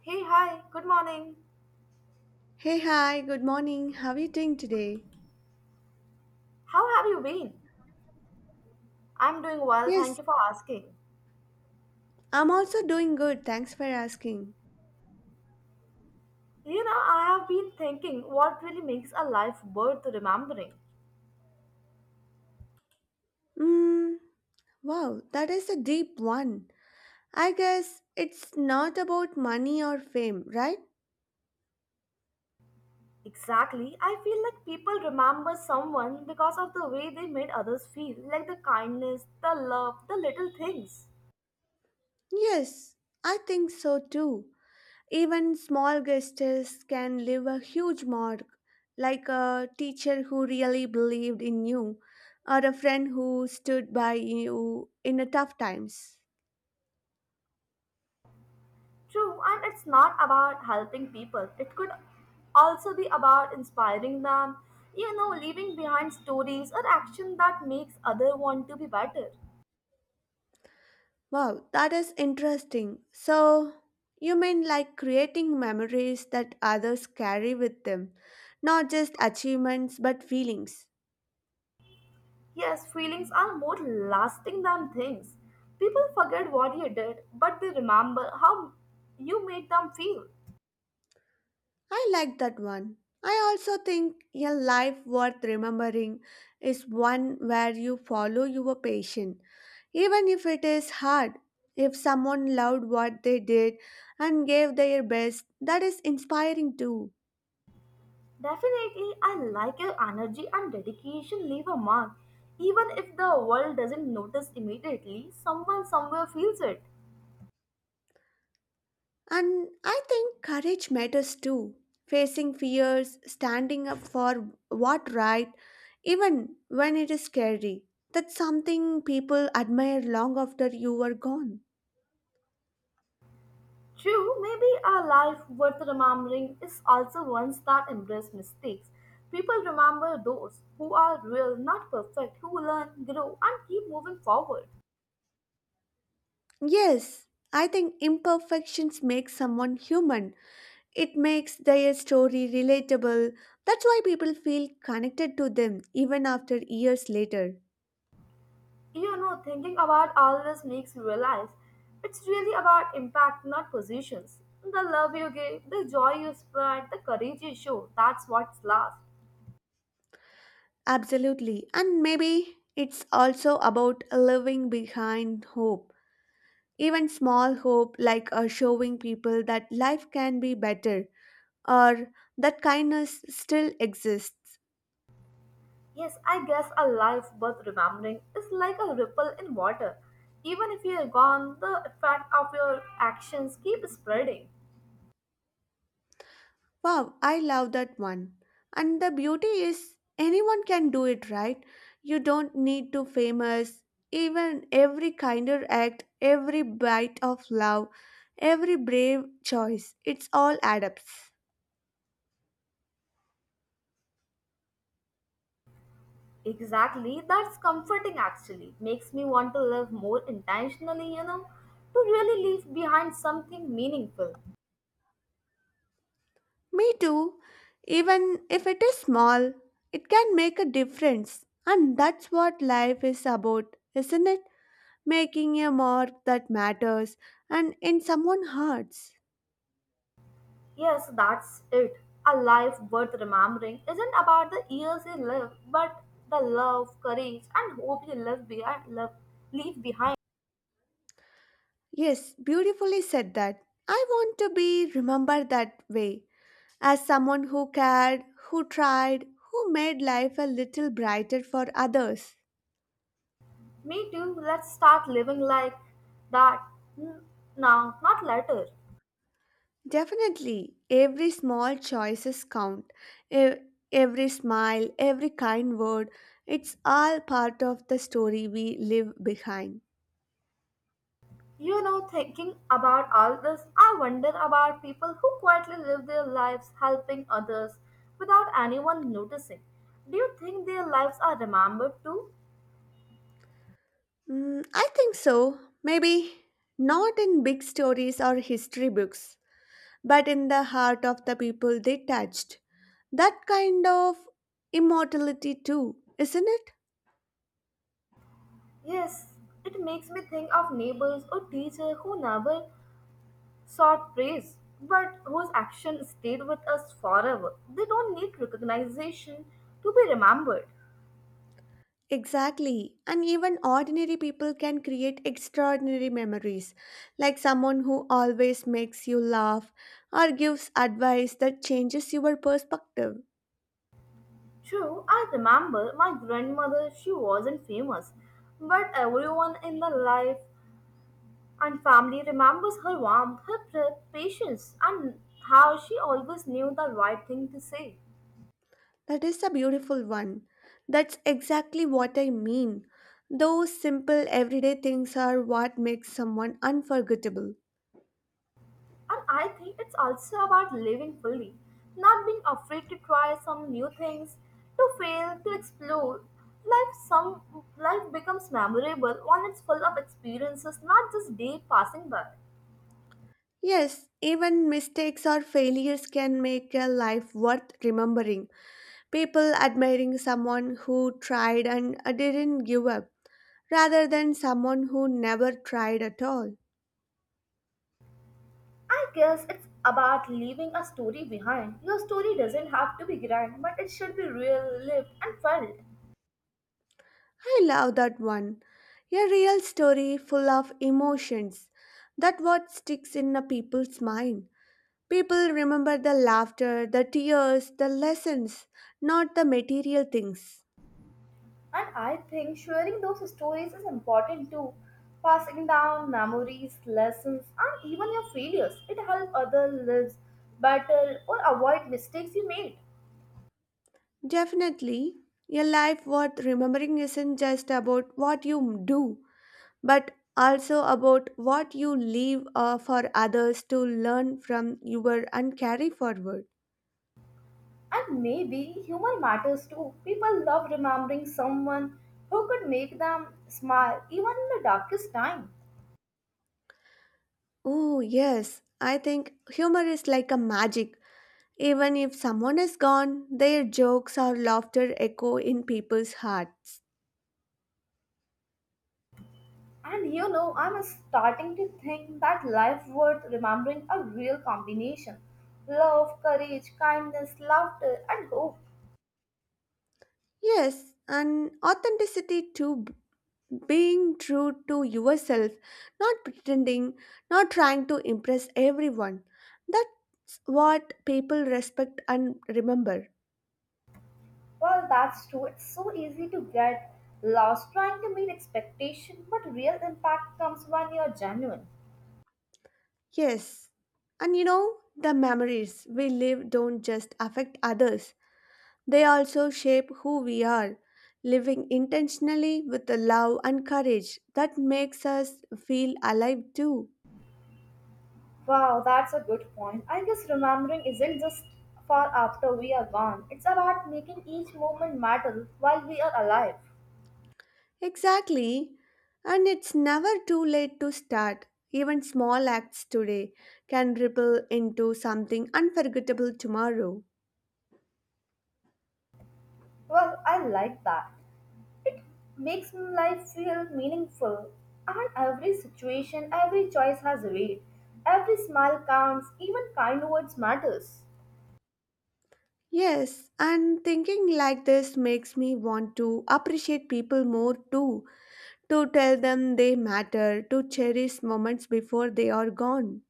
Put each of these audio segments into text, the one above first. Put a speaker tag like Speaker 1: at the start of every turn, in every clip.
Speaker 1: Hey, hi, good morning.
Speaker 2: Hey, hi, good morning. How are you doing today?
Speaker 1: How have you been? I'm doing well, thank
Speaker 2: Yes,
Speaker 1: you for asking.
Speaker 2: I'm also doing good. Thanks for asking.
Speaker 1: You know, I have been thinking what really makes a life worth remembering.
Speaker 2: Mm, wow, that is a deep one. I guess it's not about money or fame, right?
Speaker 1: Exactly, I feel like people remember someone because of the way they made others feel, like the kindness, the love, the little things.
Speaker 2: Yes, I think so too. Even small gestures can leave a huge mark, like a teacher who really believed in you or a friend who stood by you in a tough times.
Speaker 1: True, and it's not about helping people, it could also be about inspiring them, you know, leaving behind stories or action that makes other want to be better.
Speaker 2: Wow, that is interesting. So, you mean like creating memories that others carry with them, not just achievements but feelings.
Speaker 1: Yes, feelings are more lasting than things. People forget what you did, but they remember how you made them feel.
Speaker 2: I like that one. I also think a life worth remembering is one where you follow your passion, even if it is hard. If someone loved what they did and gave their best, that is inspiring too.
Speaker 1: Definitely, I like your energy and dedication leave a mark. Even if the world doesn't notice immediately, someone somewhere feels it.
Speaker 2: And I think courage matters too. Facing fears, standing up for what right, even when it is scary. That's something people admire long after you are gone.
Speaker 1: True, maybe a life worth remembering is also ones that embrace mistakes. People remember those who are real, not perfect, who learn, grow, and keep moving forward.
Speaker 2: Yes, I think imperfections make someone human. It makes their story relatable. That's why people feel connected to them even after years later.
Speaker 1: You know, thinking about all this makes me realize it's really about impact, not positions. The love you give, the joy you spread, the courage you show, that's what's last.
Speaker 2: Absolutely. And maybe it's also about leaving behind hope. Even small hope, like showing people that life can be better or that kindness still exists.
Speaker 1: Yes, I guess a life worth remembering is like a ripple in water. Even if you're gone, the effect of your actions keep spreading.
Speaker 2: Wow, I love that one. And the beauty is, anyone can do it, right? You don't need to famous. Even every kinder act, every bite of love, every brave choice, it's all adapts.
Speaker 1: Exactly, that's comforting actually. Makes me want to live more intentionally, you know, to really leave behind something meaningful.
Speaker 2: Me too. Even if it is small, it can make a difference. And that's what life is about, isn't it? Making a mark that matters and in someone's hearts.
Speaker 1: Yes, that's it. A life worth remembering isn't about the years you live, but the love, courage, and hope you live behind, love, leave behind.
Speaker 2: Yes, beautifully said that. I want to be remembered that way, as someone who cared, who tried, who made life a little brighter for others.
Speaker 1: Me too. Let's start living like that n- now, not later.
Speaker 2: Definitely, every small choices count. E- Every smile, every kind word, it's all part of the story we leave behind.
Speaker 1: You know, thinking about all this, I wonder about people who quietly live their lives helping others without anyone noticing. Do you think their lives are remembered too?
Speaker 2: Mm, I think so. Maybe not in big stories or history books, but in the heart of the people they touched. That kind of immortality, too, isn't it?
Speaker 1: Yes, it makes me think of neighbors or teacher who never sought praise, but whose action stayed with us forever. They don't need recognition to be remembered.
Speaker 2: Exactly. And even ordinary people can create extraordinary memories, like someone who always makes you laugh or gives advice that changes your perspective.
Speaker 1: True, I remember my grandmother, she wasn't famous, but everyone in the life and family remembers her warmth, her patience, and how she always knew the right thing to say.
Speaker 2: That is a beautiful one. That's exactly what I mean. Those simple everyday things are what makes someone unforgettable.
Speaker 1: And I think it's also about living fully, not being afraid to try some new things, to fail, to explore. Life some Life becomes memorable when it's full of experiences, not just day passing by.
Speaker 2: Yes, even mistakes or failures can make a life worth remembering. People admiring someone who tried and didn't give up, rather than someone who never tried at all.
Speaker 1: I guess it's about leaving a story behind. Your story doesn't have to be grand, but it should be real, lived, and felt.
Speaker 2: I love that one. A real story full of emotions. That what sticks in a people's mind. People remember the laughter, the tears, the lessons, not the material things.
Speaker 1: And I think sharing those stories is important too. Passing down memories, lessons, and even your failures. It helps others live better or avoid mistakes you made.
Speaker 2: Definitely, a life worth remembering isn't just about what you do, but also about what you leave for others to learn from you were and carry forward.
Speaker 1: And maybe humor matters too. People love remembering someone who could make them smile even in the darkest time.
Speaker 2: Oh, yes. I think humor is like a magic. Even if someone is gone, their jokes or laughter echo in people's hearts.
Speaker 1: And you know, I'm starting to think that life worth remembering a real combination. Love, courage, kindness, laughter, and hope.
Speaker 2: Yes, and authenticity to being true to yourself, not pretending, not trying to impress everyone. That's what people respect and remember.
Speaker 1: Well, that's true. It's so easy to get lost trying to meet expectation, but real impact comes when you're genuine.
Speaker 2: Yes. And you know, the memories we live don't just affect others, they also shape who we are, living intentionally with the love and courage that makes us feel alive too.
Speaker 1: Wow, that's a good point. I guess remembering isn't just for after we are gone. It's about making each moment matter while we are alive.
Speaker 2: Exactly. And it's never too late to start. Even small acts today can ripple into something unforgettable tomorrow.
Speaker 1: Well, I like that. It makes life feel meaningful, and every situation, every choice has weight. Every smile counts. Even kind words matters.
Speaker 2: Yes, and thinking like this makes me want to appreciate people more too, to tell them they matter, to cherish moments before they are gone.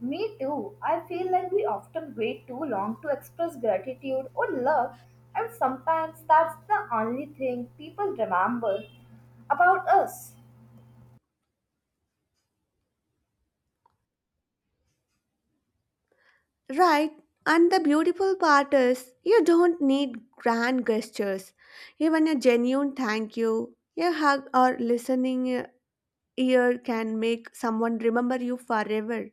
Speaker 1: Me too. I feel like we often wait too long to express gratitude or love, and sometimes that's the only thing people remember about us.
Speaker 2: Right, and the beautiful part is you don't need grand gestures. Even a genuine thank you, a hug, or listening ear can make someone remember you forever.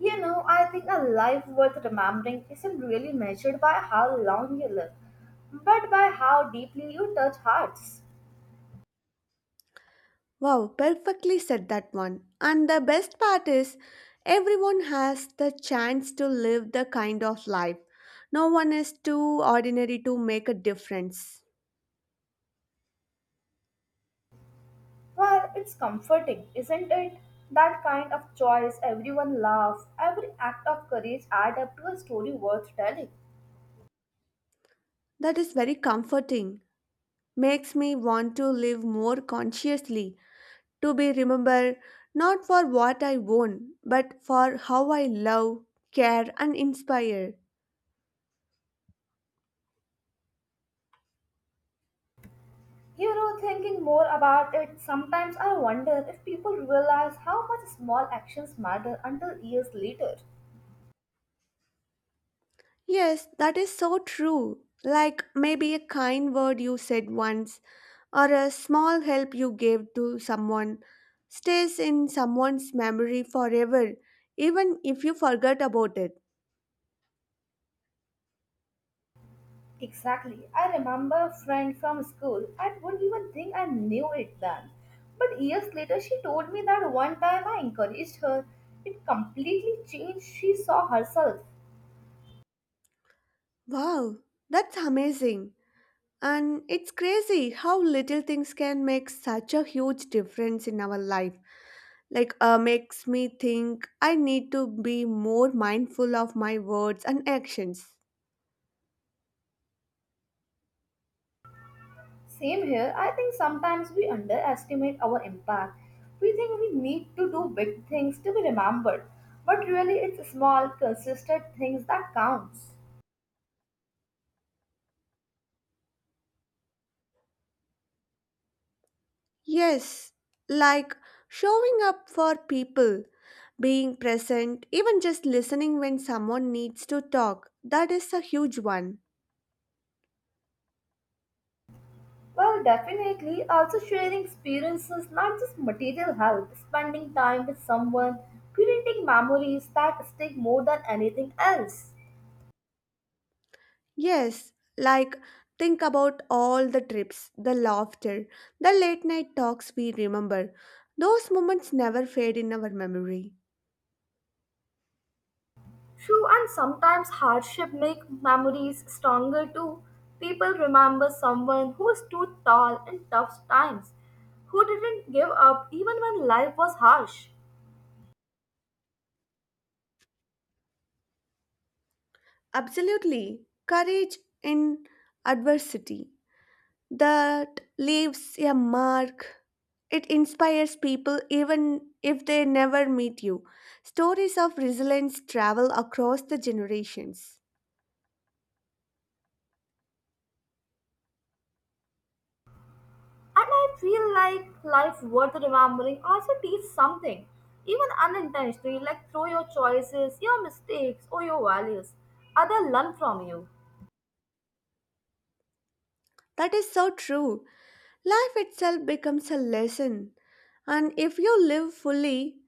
Speaker 1: You know, I think a life worth remembering isn't really measured by how long you live, but by how deeply you touch hearts.
Speaker 2: Wow, perfectly said that one. And the best part is everyone has the chance to live the kind of life. No one is too ordinary to make a difference.
Speaker 1: Well, it's comforting, isn't it? That kind of choice, everyone laughs, every act of courage adds up to a story worth telling.
Speaker 2: That is very comforting. Makes me want to live more consciously, to be remembered not for what I won, but for how I love, care, and inspire.
Speaker 1: You know, thinking more about it, sometimes I wonder if people realize how much small actions matter until years later.
Speaker 2: Yes, that is so true. Like maybe a kind word you said once, or a small help you gave to someone, stays in someone's memory forever, even if you forget about it.
Speaker 1: Exactly. I remember a friend from school. I wouldn't even think I knew it then. But years later, she told me that one time I encouraged her. It completely changed. She saw herself.
Speaker 2: Wow, that's amazing. And it's crazy how little things can make such a huge difference in our life. Like makes me think I need to be more mindful of my words and actions.
Speaker 1: Same here. I think sometimes we underestimate our impact. We think we need to do big things to be remembered, but really it's small, consistent things that counts.
Speaker 2: Yes, like showing up for people, being present, even just listening when someone needs to talk. That is a huge one.
Speaker 1: Well, definitely, also sharing experiences, not just material help, spending time with someone, creating memories that stick more than anything else.
Speaker 2: Yes, like think about all the trips, the laughter, the late night talks we remember. Those moments never fade in our memory.
Speaker 1: True, and sometimes hardship make memories stronger too. People remember someone who stood tall in tough times, who didn't give up even when life was harsh.
Speaker 2: Absolutely. Courage in adversity, that leaves a mark. It inspires people even if they never meet you. Stories of resilience travel across the generations.
Speaker 1: And I feel like life worth remembering also teaches something, even unintentionally, like through your choices, your mistakes, or your values. Others learn from you.
Speaker 2: That is so true. Life itself becomes a lesson. And if you live fully,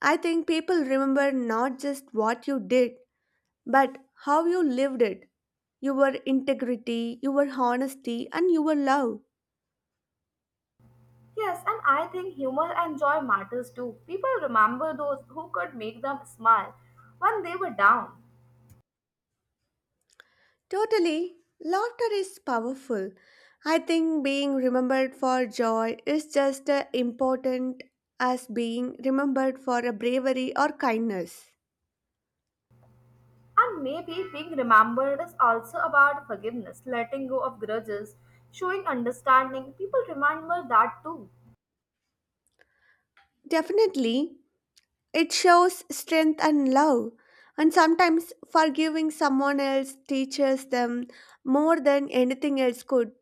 Speaker 2: I think people remember not just what you did, but how you lived it, your integrity, your honesty, and your love.
Speaker 1: Yes, and I think humor and joy matters too. People remember those who could make them smile when they were down.
Speaker 2: Totally. Laughter is powerful. I think being remembered for joy is just as important as being remembered for a bravery or kindness.
Speaker 1: And maybe being remembered is also about forgiveness, letting go of grudges, showing understanding. People remember that too.
Speaker 2: Definitely, it shows strength and love. And sometimes forgiving someone else teaches them more than anything else could.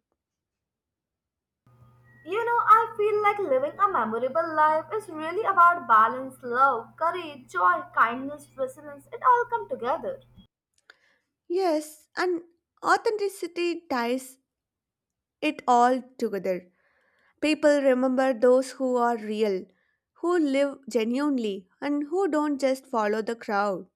Speaker 1: You know, I feel like living a memorable life is really about balance, love, courage, joy, kindness, resilience. It all come together.
Speaker 2: Yes, and authenticity ties it all together. People remember those who are real, who live genuinely, and who don't just follow the crowd.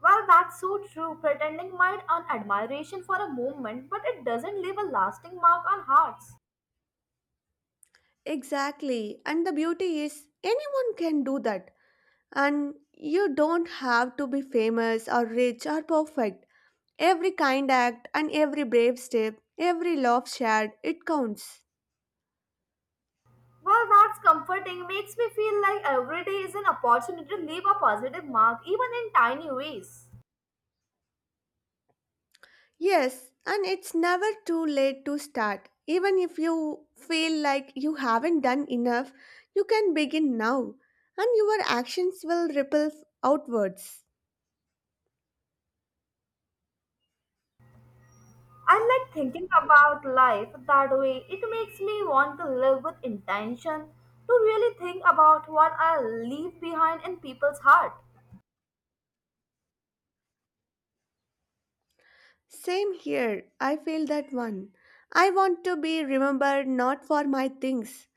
Speaker 1: Well, that's so true. Pretending might earn admiration for a moment, but it doesn't leave a lasting mark on hearts.
Speaker 2: Exactly. And the beauty is, anyone can do that. And you don't have to be famous or rich or perfect. Every kind act and every brave step, every laugh shared, it counts.
Speaker 1: Well, that's comforting. Makes me feel like every day is an opportunity to leave a positive mark, even in tiny ways.
Speaker 2: Yes, and it's never too late to start. Even if you feel like you haven't done enough, you can begin now, and your actions will ripple outwards.
Speaker 1: And like thinking about life that way, it makes me want to live with intention, to really think about what I leave behind in people's heart.
Speaker 2: Same here, I feel that one. I want to be remembered not for my things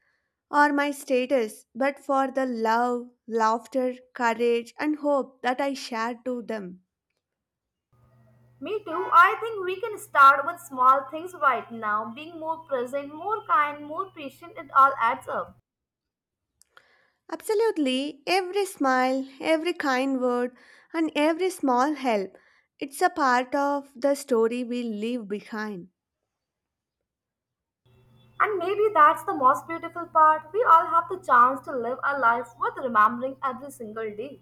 Speaker 2: or my status, but for the love, laughter, courage, and hope that I share to them.
Speaker 1: Me too, I think we can start with small things right now, being more present, more kind, more patient, it all adds up.
Speaker 2: Absolutely, every smile, every kind word, and every small help, it's a part of the story we leave behind.
Speaker 1: And maybe that's the most beautiful part. We all have the chance to live our life worth remembering every single day.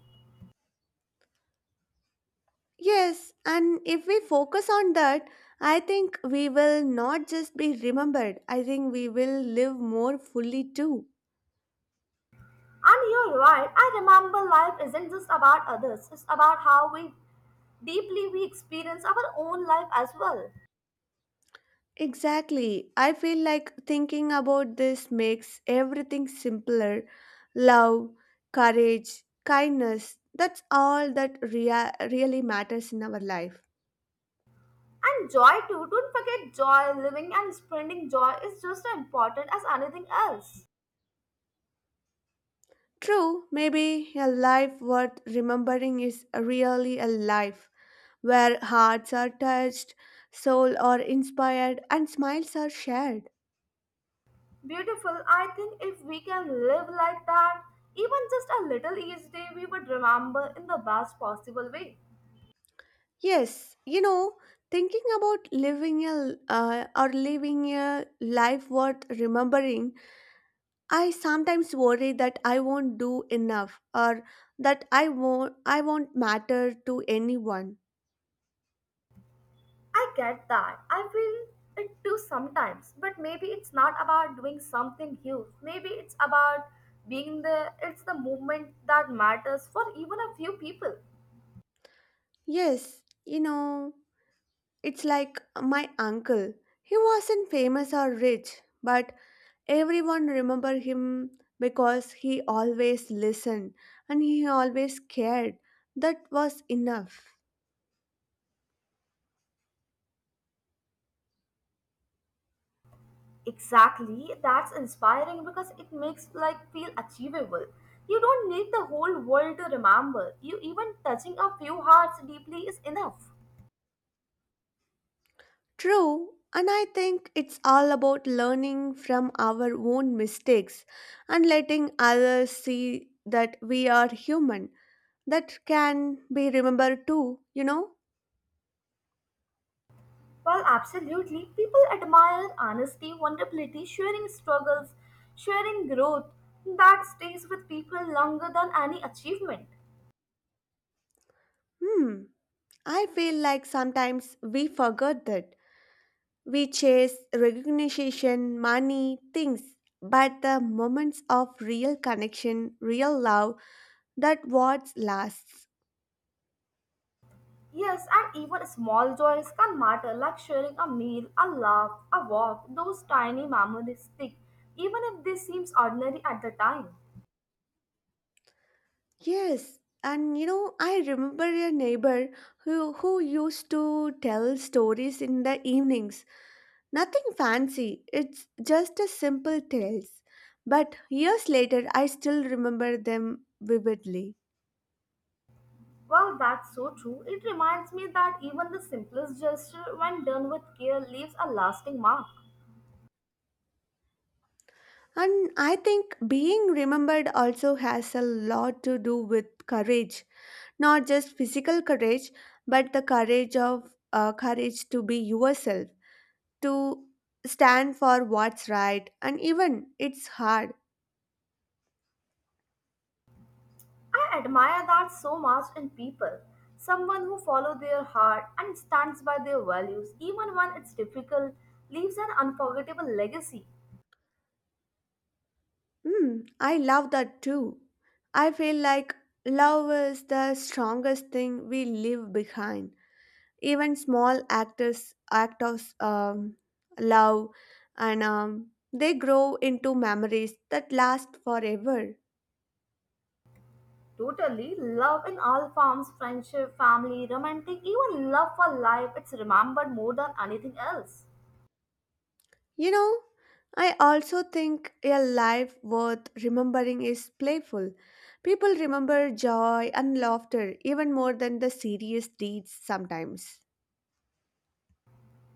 Speaker 2: Yes, and if we focus on that, I think we will not just be remembered, I think we will live more fully too.
Speaker 1: And you're right, I remember life isn't just about others, it's about how we deeply we experience our own life as well.
Speaker 2: Exactly, I feel like thinking about this makes everything simpler. Love, courage, kindness, that's all that really matters in our life.
Speaker 1: And joy too, don't forget joy, living and spreading joy is just as important as anything else.
Speaker 2: True, maybe a life worth remembering is really a life where hearts are touched, souls are inspired, and smiles are shared.
Speaker 1: Beautiful, I think if we can live like that, even just a little each day, we would remember in the best possible way.
Speaker 2: Yes, you know, thinking about living a life worth remembering, I sometimes worry that I won't do enough or that I won't matter to anyone.
Speaker 1: I get that. I feel it too sometimes. But maybe it's not about doing something huge. Maybe it's about being there. It's the movement that matters for even a few people.
Speaker 2: Yes, you know. It's like my uncle. He wasn't famous or rich, but everyone remember him because he always listened and he always cared. That was enough.
Speaker 1: Exactly. That's inspiring because it makes like feel achievable. You don't need the whole world to remember. You even touching a few hearts deeply is enough.
Speaker 2: True, and I think it's all about learning from our own mistakes and letting others see that we are human. That can be remembered too, you know?
Speaker 1: Well, absolutely. People admire honesty, vulnerability, sharing struggles, sharing growth that stays with people longer than any achievement.
Speaker 2: Hmm, I feel like sometimes we forget that. We chase recognition, money, things, but the moments of real connection, real love, that what lasts.
Speaker 1: Yes, and even small joys can matter, like sharing a meal, a laugh, a walk. Those tiny memories stick, even if they seem ordinary at the time.
Speaker 2: Yes, and you know, I remember a neighbor who used to tell stories in the evenings. Nothing fancy, it's just a simple tales. But years later, I still remember them vividly.
Speaker 1: Well, that's so true. It reminds me that even the simplest gesture, when done with care, leaves a lasting mark.
Speaker 2: And I think being remembered also has a lot to do with courage. Not just physical courage, but the courage to be yourself, to stand for what's right, and even it's hard.
Speaker 1: I admire that so much in people. Someone who follows their heart and stands by their values, even when it's difficult, leaves an unforgettable legacy.
Speaker 2: Mm, I love that too. I feel like love is the strongest thing we leave behind. Even small actors, act of love, and they grow into memories that last forever.
Speaker 1: Totally, love in all forms friendship, family, romantic, even love for life it's remembered more than anything else.
Speaker 2: You know, I also think a life worth remembering is playful. People remember joy and laughter even more than the serious deeds sometimes.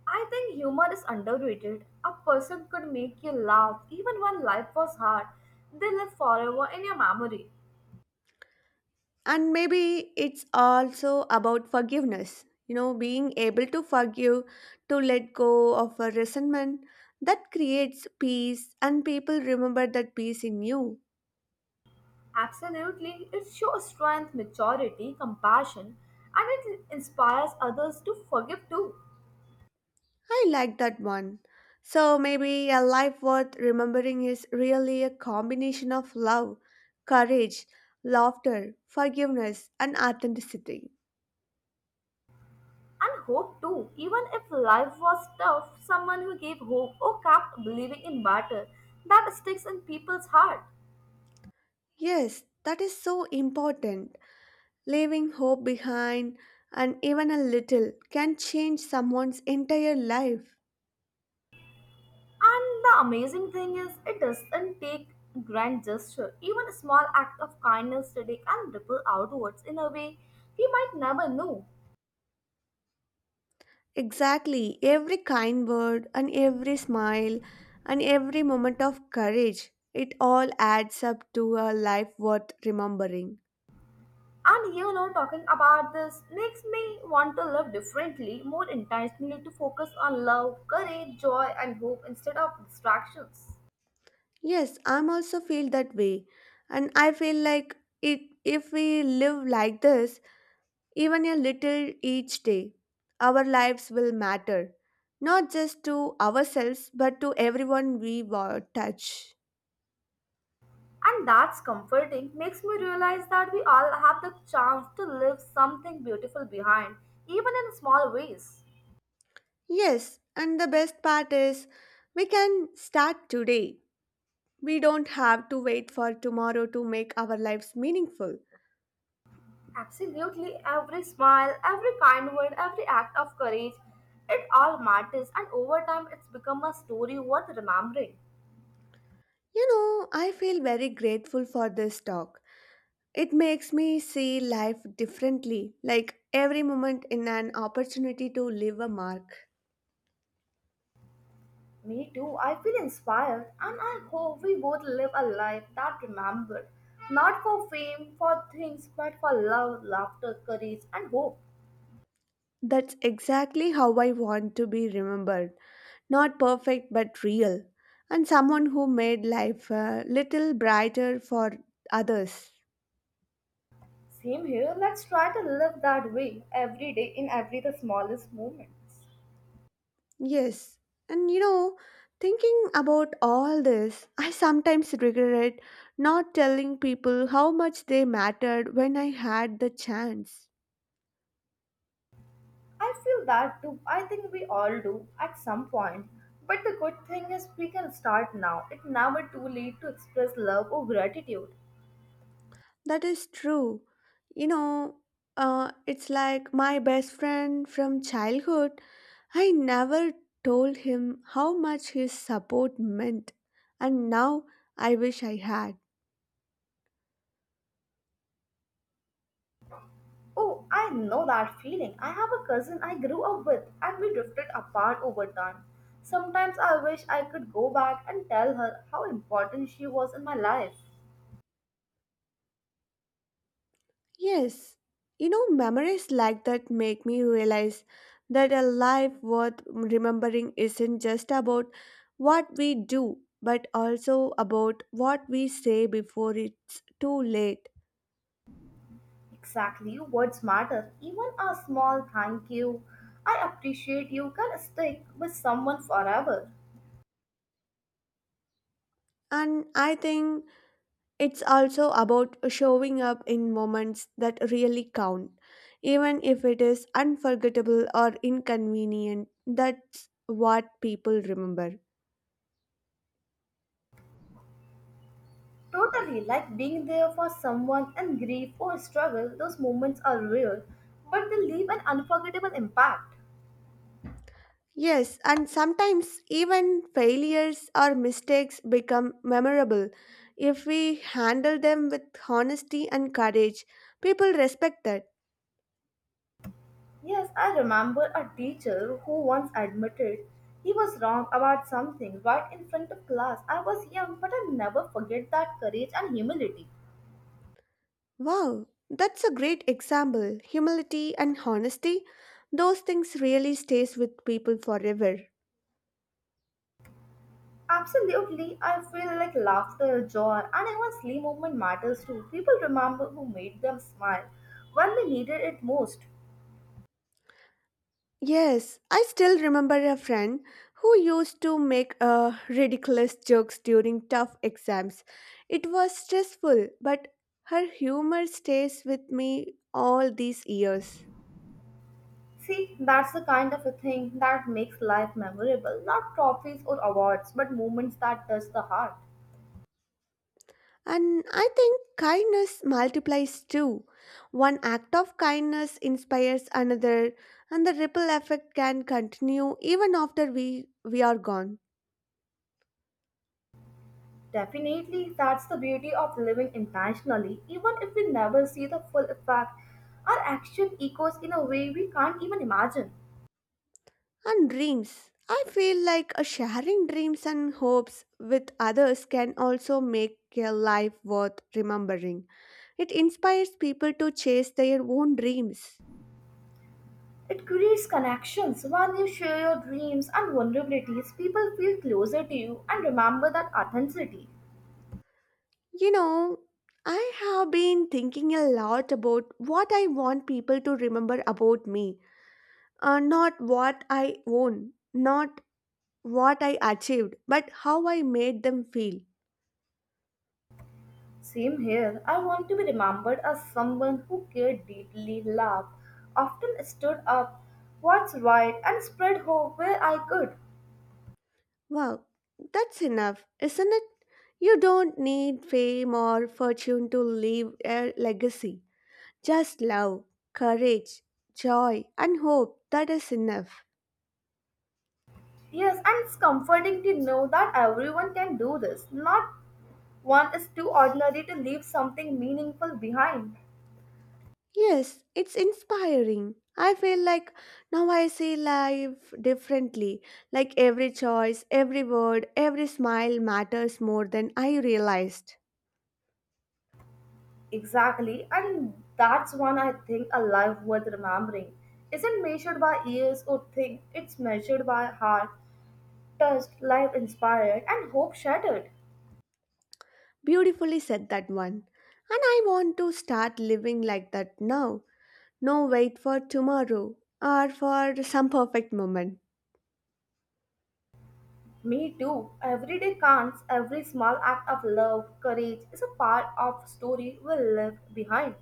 Speaker 1: I think humor is underrated. A person could make you laugh even when life was hard, they live forever in your memory.
Speaker 2: And maybe it's also about forgiveness. You know, being able to forgive, to let go of a resentment that creates peace, and people remember that peace in you.
Speaker 1: Absolutely, it shows strength, maturity, compassion, and it inspires others to forgive too
Speaker 2: I like that one. So maybe a life worth remembering is really a combination of love, courage, laughter, forgiveness, and authenticity.
Speaker 1: and hope too. Even if life was tough, someone who gave hope or kept believing in battle that sticks in people's heart.
Speaker 2: Yes, that is so important. Leaving hope behind, and even a little can change someone's entire life.
Speaker 1: And the amazing thing is, it doesn't take grand gesture. Even a small act of kindness today can ripple outwards in a way we might never know.
Speaker 2: Exactly, every kind word and every smile and every moment of courage, it all adds up to a life worth remembering.
Speaker 1: And you know, talking about this makes me want to live differently, more intentionally, to focus on love, courage, joy, and hope instead of distractions.
Speaker 2: Yes, I'm also feel that way. And I feel like it if we live like this, even a little each day, our lives will matter. Not just to ourselves, but to everyone we touch.
Speaker 1: And that's comforting, makes me realize that we all have the chance to leave something beautiful behind, even in small ways.
Speaker 2: Yes, and the best part is we can start today. We don't have to wait for tomorrow to make our lives meaningful.
Speaker 1: Absolutely, every smile, every kind word, every act of courage, it all matters, and over time, it's become a story worth remembering.
Speaker 2: You know, I feel very grateful for this talk. It makes me see life differently, like every moment in an opportunity to leave a mark.
Speaker 1: Me too. I feel inspired and I hope we both live a life that remembered. Not for fame, for things, but for love, laughter, courage, and hope.
Speaker 2: That's exactly how I want to be remembered. Not perfect, but real. And someone who made life a little brighter for others.
Speaker 1: Same here. Let's try to live that way every day in every the smallest moments.
Speaker 2: Yes. And you know, thinking about all this, I sometimes regret not telling people how much they mattered when I had the chance.
Speaker 1: I feel that too. I think we all do at some point. But the good thing is we can start now. It's never too late to express love or gratitude.
Speaker 2: That is true. You know, it's like my best friend from childhood. I never told him how much his support meant, and now I wish I had.
Speaker 1: Oh, I know that feeling. I have a cousin I grew up with, and we drifted apart over time. Sometimes I wish I could go back and tell her how important she was in my life.
Speaker 2: Yes, you know, memories like that make me realize that a life worth remembering isn't just about what we do, but also about what we say before it's too late.
Speaker 1: Exactly, words matter. Even a small thank you, I appreciate you can stick with someone forever.
Speaker 2: And I think it's also about showing up in moments that really count, even if it is unforgettable or inconvenient. That's what people remember.
Speaker 1: Totally, like being there for someone in grief or struggle, those moments are rare, but they leave an unforgettable impact.
Speaker 2: Yes, and sometimes even failures or mistakes become memorable. If we handle them with honesty and courage, people respect that.
Speaker 1: Yes, I remember a teacher who once admitted he was wrong about something right in front of class. I was young, but I never forget that courage and humility.
Speaker 2: Wow, that's a great example. Humility and honesty, those things really stays with people forever.
Speaker 1: Absolutely, I feel like laughter, joy, and even silly moment matters too. People remember who made them smile when they needed it most.
Speaker 2: Yes, I still remember a friend who used to make ridiculous jokes during tough exams. It was stressful, but her humor stays with me all these years.
Speaker 1: See, that's the kind of a thing that makes life memorable. Not trophies or awards, but moments that touch the heart.
Speaker 2: And I think kindness multiplies too. One act of kindness inspires another, and the ripple effect can continue even after we are gone.
Speaker 1: Definitely, that's the beauty of living intentionally. Even if we never see the full effect, our action echoes in a way we can't even imagine.
Speaker 2: And dreams. I feel like sharing dreams and hopes with others can also make a life worth remembering. It inspires people to chase their own dreams.
Speaker 1: It creates connections. When you share your dreams and vulnerabilities, people feel closer to you and remember that authenticity.
Speaker 2: You know, I have been thinking a lot about what I want people to remember about me, not what I own, not what I achieved, but how I made them feel.
Speaker 1: Same here, I want to be remembered as someone who cared deeply, loved, often stood up, what's right, and spread hope where I could.
Speaker 2: Wow, that's enough, isn't it? You don't need fame or fortune to leave a legacy. Just love, courage, joy, and hope. That is enough.
Speaker 1: Yes, and it's comforting to know that everyone can do this, not One is too ordinary to leave something meaningful behind.
Speaker 2: Yes, it's inspiring. I feel like now I see life differently. Like every choice, every word, every smile matters more than I realized.
Speaker 1: Exactly, and that's one I think a life worth remembering isn't measured by years or things, it's measured by heart, touched, life inspired, and hope shattered.
Speaker 2: Beautifully said that one. And I want to start living like that now. No wait for tomorrow or for some perfect moment.
Speaker 1: Me too. Every day counts, every small act of love, courage is a part of story we left behind.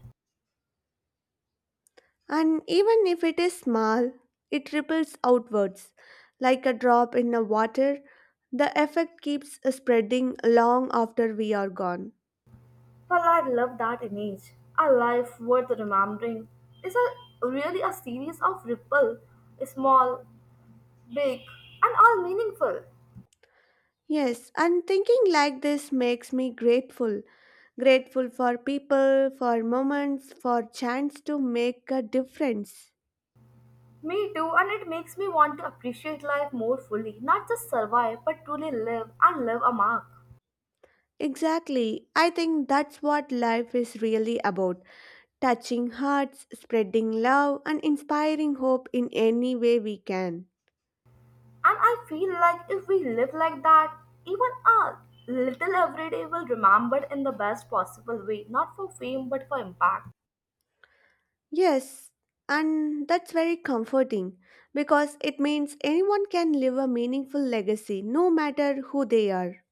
Speaker 2: And even if it is small, it ripples outwards like a drop in the water. The effect keeps spreading long after we are gone.
Speaker 1: Well, I love that image. A life worth remembering is a really a series of ripple, small big, and all meaningful.
Speaker 2: Yes, and thinking like this makes me grateful. Grateful for people, for moments, for chance to make a difference.
Speaker 1: Me too, and it makes me want to appreciate life more fully, not just survive, but truly live and live a mark.
Speaker 2: Exactly. I think that's what life is really about, touching hearts, spreading love, and inspiring hope in any way we can.
Speaker 1: And I feel like if we live like that, even a little every day will remembered in the best possible way, not for fame but for impact.
Speaker 2: Yes, and that's very comforting because it means anyone can leave a meaningful legacy no matter who they are.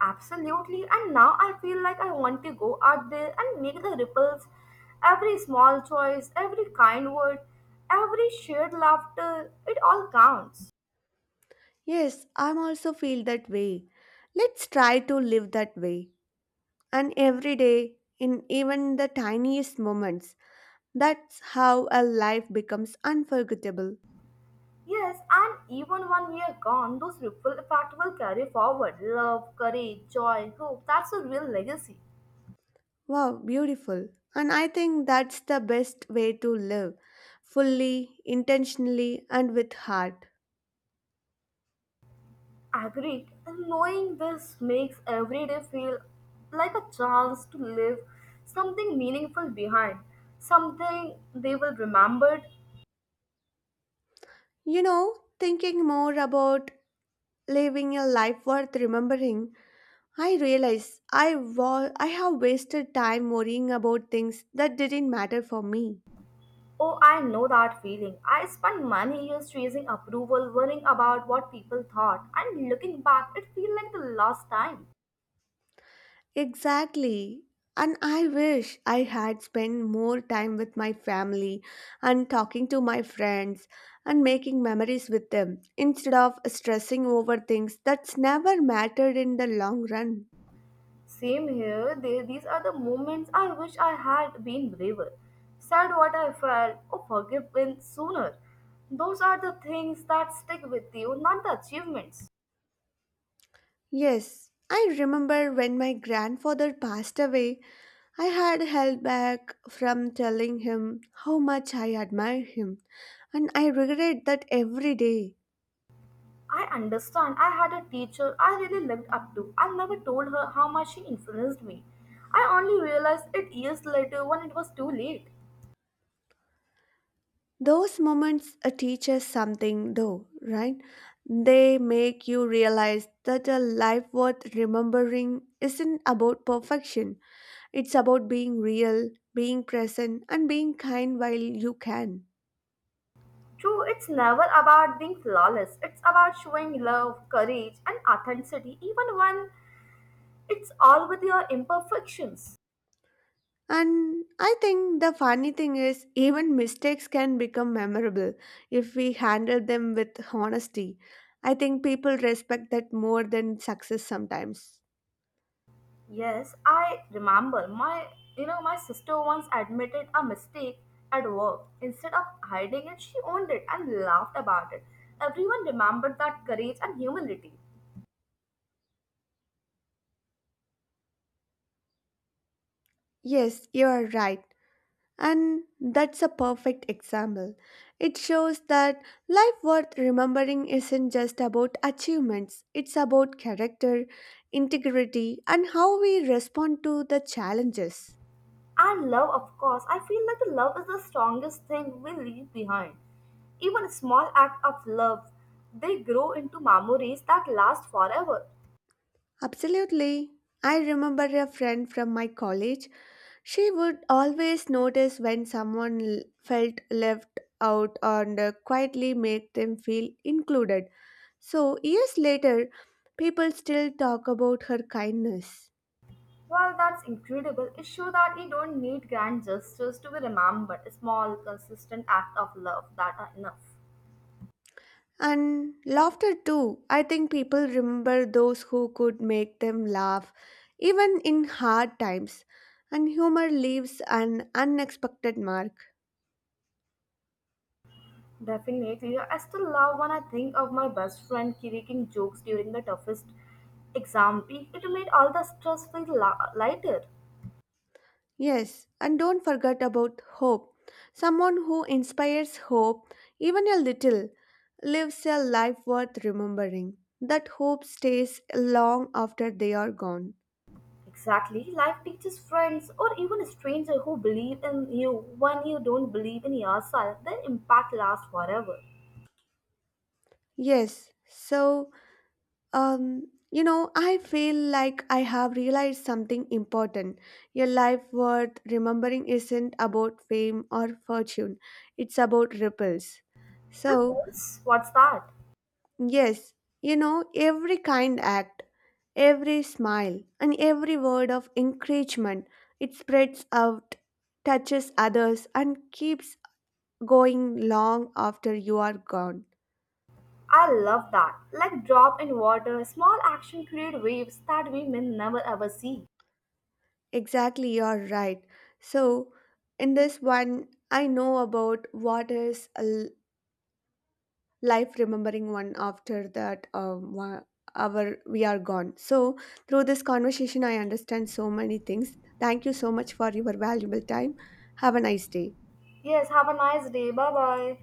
Speaker 1: Absolutely, and now I feel like I want to go out there and make the ripples. Every small choice, every kind word, every shared laughter, it all counts.
Speaker 2: Yes, I'm also feel that way. Let's try to live that way. And every day, in even the tiniest moments, that's how a life becomes unforgettable.
Speaker 1: Yes, and even one year gone, those ripple effect will carry forward love, courage, joy, hope. That's a real legacy.
Speaker 2: Wow, beautiful. And I think that's the best way to live fully, intentionally, and with heart.
Speaker 1: Agreed. And knowing this makes every day feel like a chance to leave something meaningful behind, something they will remember.
Speaker 2: You know, thinking more about living a life worth remembering, I realize I have wasted time worrying about things that didn't matter for me.
Speaker 1: Oh, I know that feeling. I spent many years chasing approval, worrying about what people thought, and looking back, it feels like the last time.
Speaker 2: Exactly. And I wish I had spent more time with my family and talking to my friends and making memories with them instead of stressing over things that's never mattered in the long run.
Speaker 1: Same here. These are the moments I wish I had been braver, said what I felt, or forgiven sooner. Those are the things that stick with you, not the achievements.
Speaker 2: Yes, I remember when my grandfather passed away, I had held back from telling him how much I admire him, and I regret that every day.
Speaker 1: I understand. I had a teacher I really looked up to. I never told her how much she influenced me. I only realized it years later when it was too late.
Speaker 2: Those moments teach us something, though, right? They make you realize that a life worth remembering isn't about perfection. It's about being real, being present, and being kind while you can.
Speaker 1: True, it's never about being flawless. It's about showing love, courage, and authenticity, even when it's all with your imperfections.
Speaker 2: And I think the funny thing is, even mistakes can become memorable if we handle them with honesty. I think people respect that more than success sometimes.
Speaker 1: Yes, I remember my you know my sister once admitted a mistake at work. Instead of hiding it, she owned it and laughed about it. Everyone remembered that courage and humility.
Speaker 2: Yes, you are right. And that's a perfect example. It shows that life worth remembering isn't just about achievements, it's about character, integrity, and how we respond to the challenges.
Speaker 1: And love, of course, I feel like the love is the strongest thing we leave behind. Even a small act of love, they grow into memories that last forever.
Speaker 2: Absolutely. I remember a friend from my college. She would always notice when felt left out and quietly make them feel included. So, years later, people still talk about her kindness.
Speaker 1: Well, that's incredible. It shows that you don't need grand gestures to be remembered. Small, consistent act of love that are enough.
Speaker 2: And laughter too. I think people remember those who could make them laugh, even in hard times. And humor leaves an unexpected mark.
Speaker 1: Definitely. I still love when I think of my best friend cracking jokes during the toughest exam week. It made all the stress feel lighter.
Speaker 2: Yes, and don't forget about hope. Someone who inspires hope, even a little, lives a life worth remembering. That hope stays long after they are gone.
Speaker 1: Exactly. Life teaches friends or even a stranger who believe in you when you don't believe in yourself. Their impact lasts forever.
Speaker 2: Yes, so you know, I feel like I have realized something important. Your life worth remembering isn't about fame or fortune, it's about ripples. So,
Speaker 1: Ripples? What's that?
Speaker 2: yes, you know, every kind act, every smile, and every word of encouragement, it spreads out, touches others, and keeps going long after you are gone.
Speaker 1: I love that. Like drop in water, small action create waves that we may never ever see.
Speaker 2: Exactly, you're right. So, in this one, I know about what is life remembering one after that 1 hour we are gone. So, through this conversation, I understand so many things. Thank you so much for your valuable time. Have a nice day.
Speaker 1: Yes, have a nice day. Bye bye.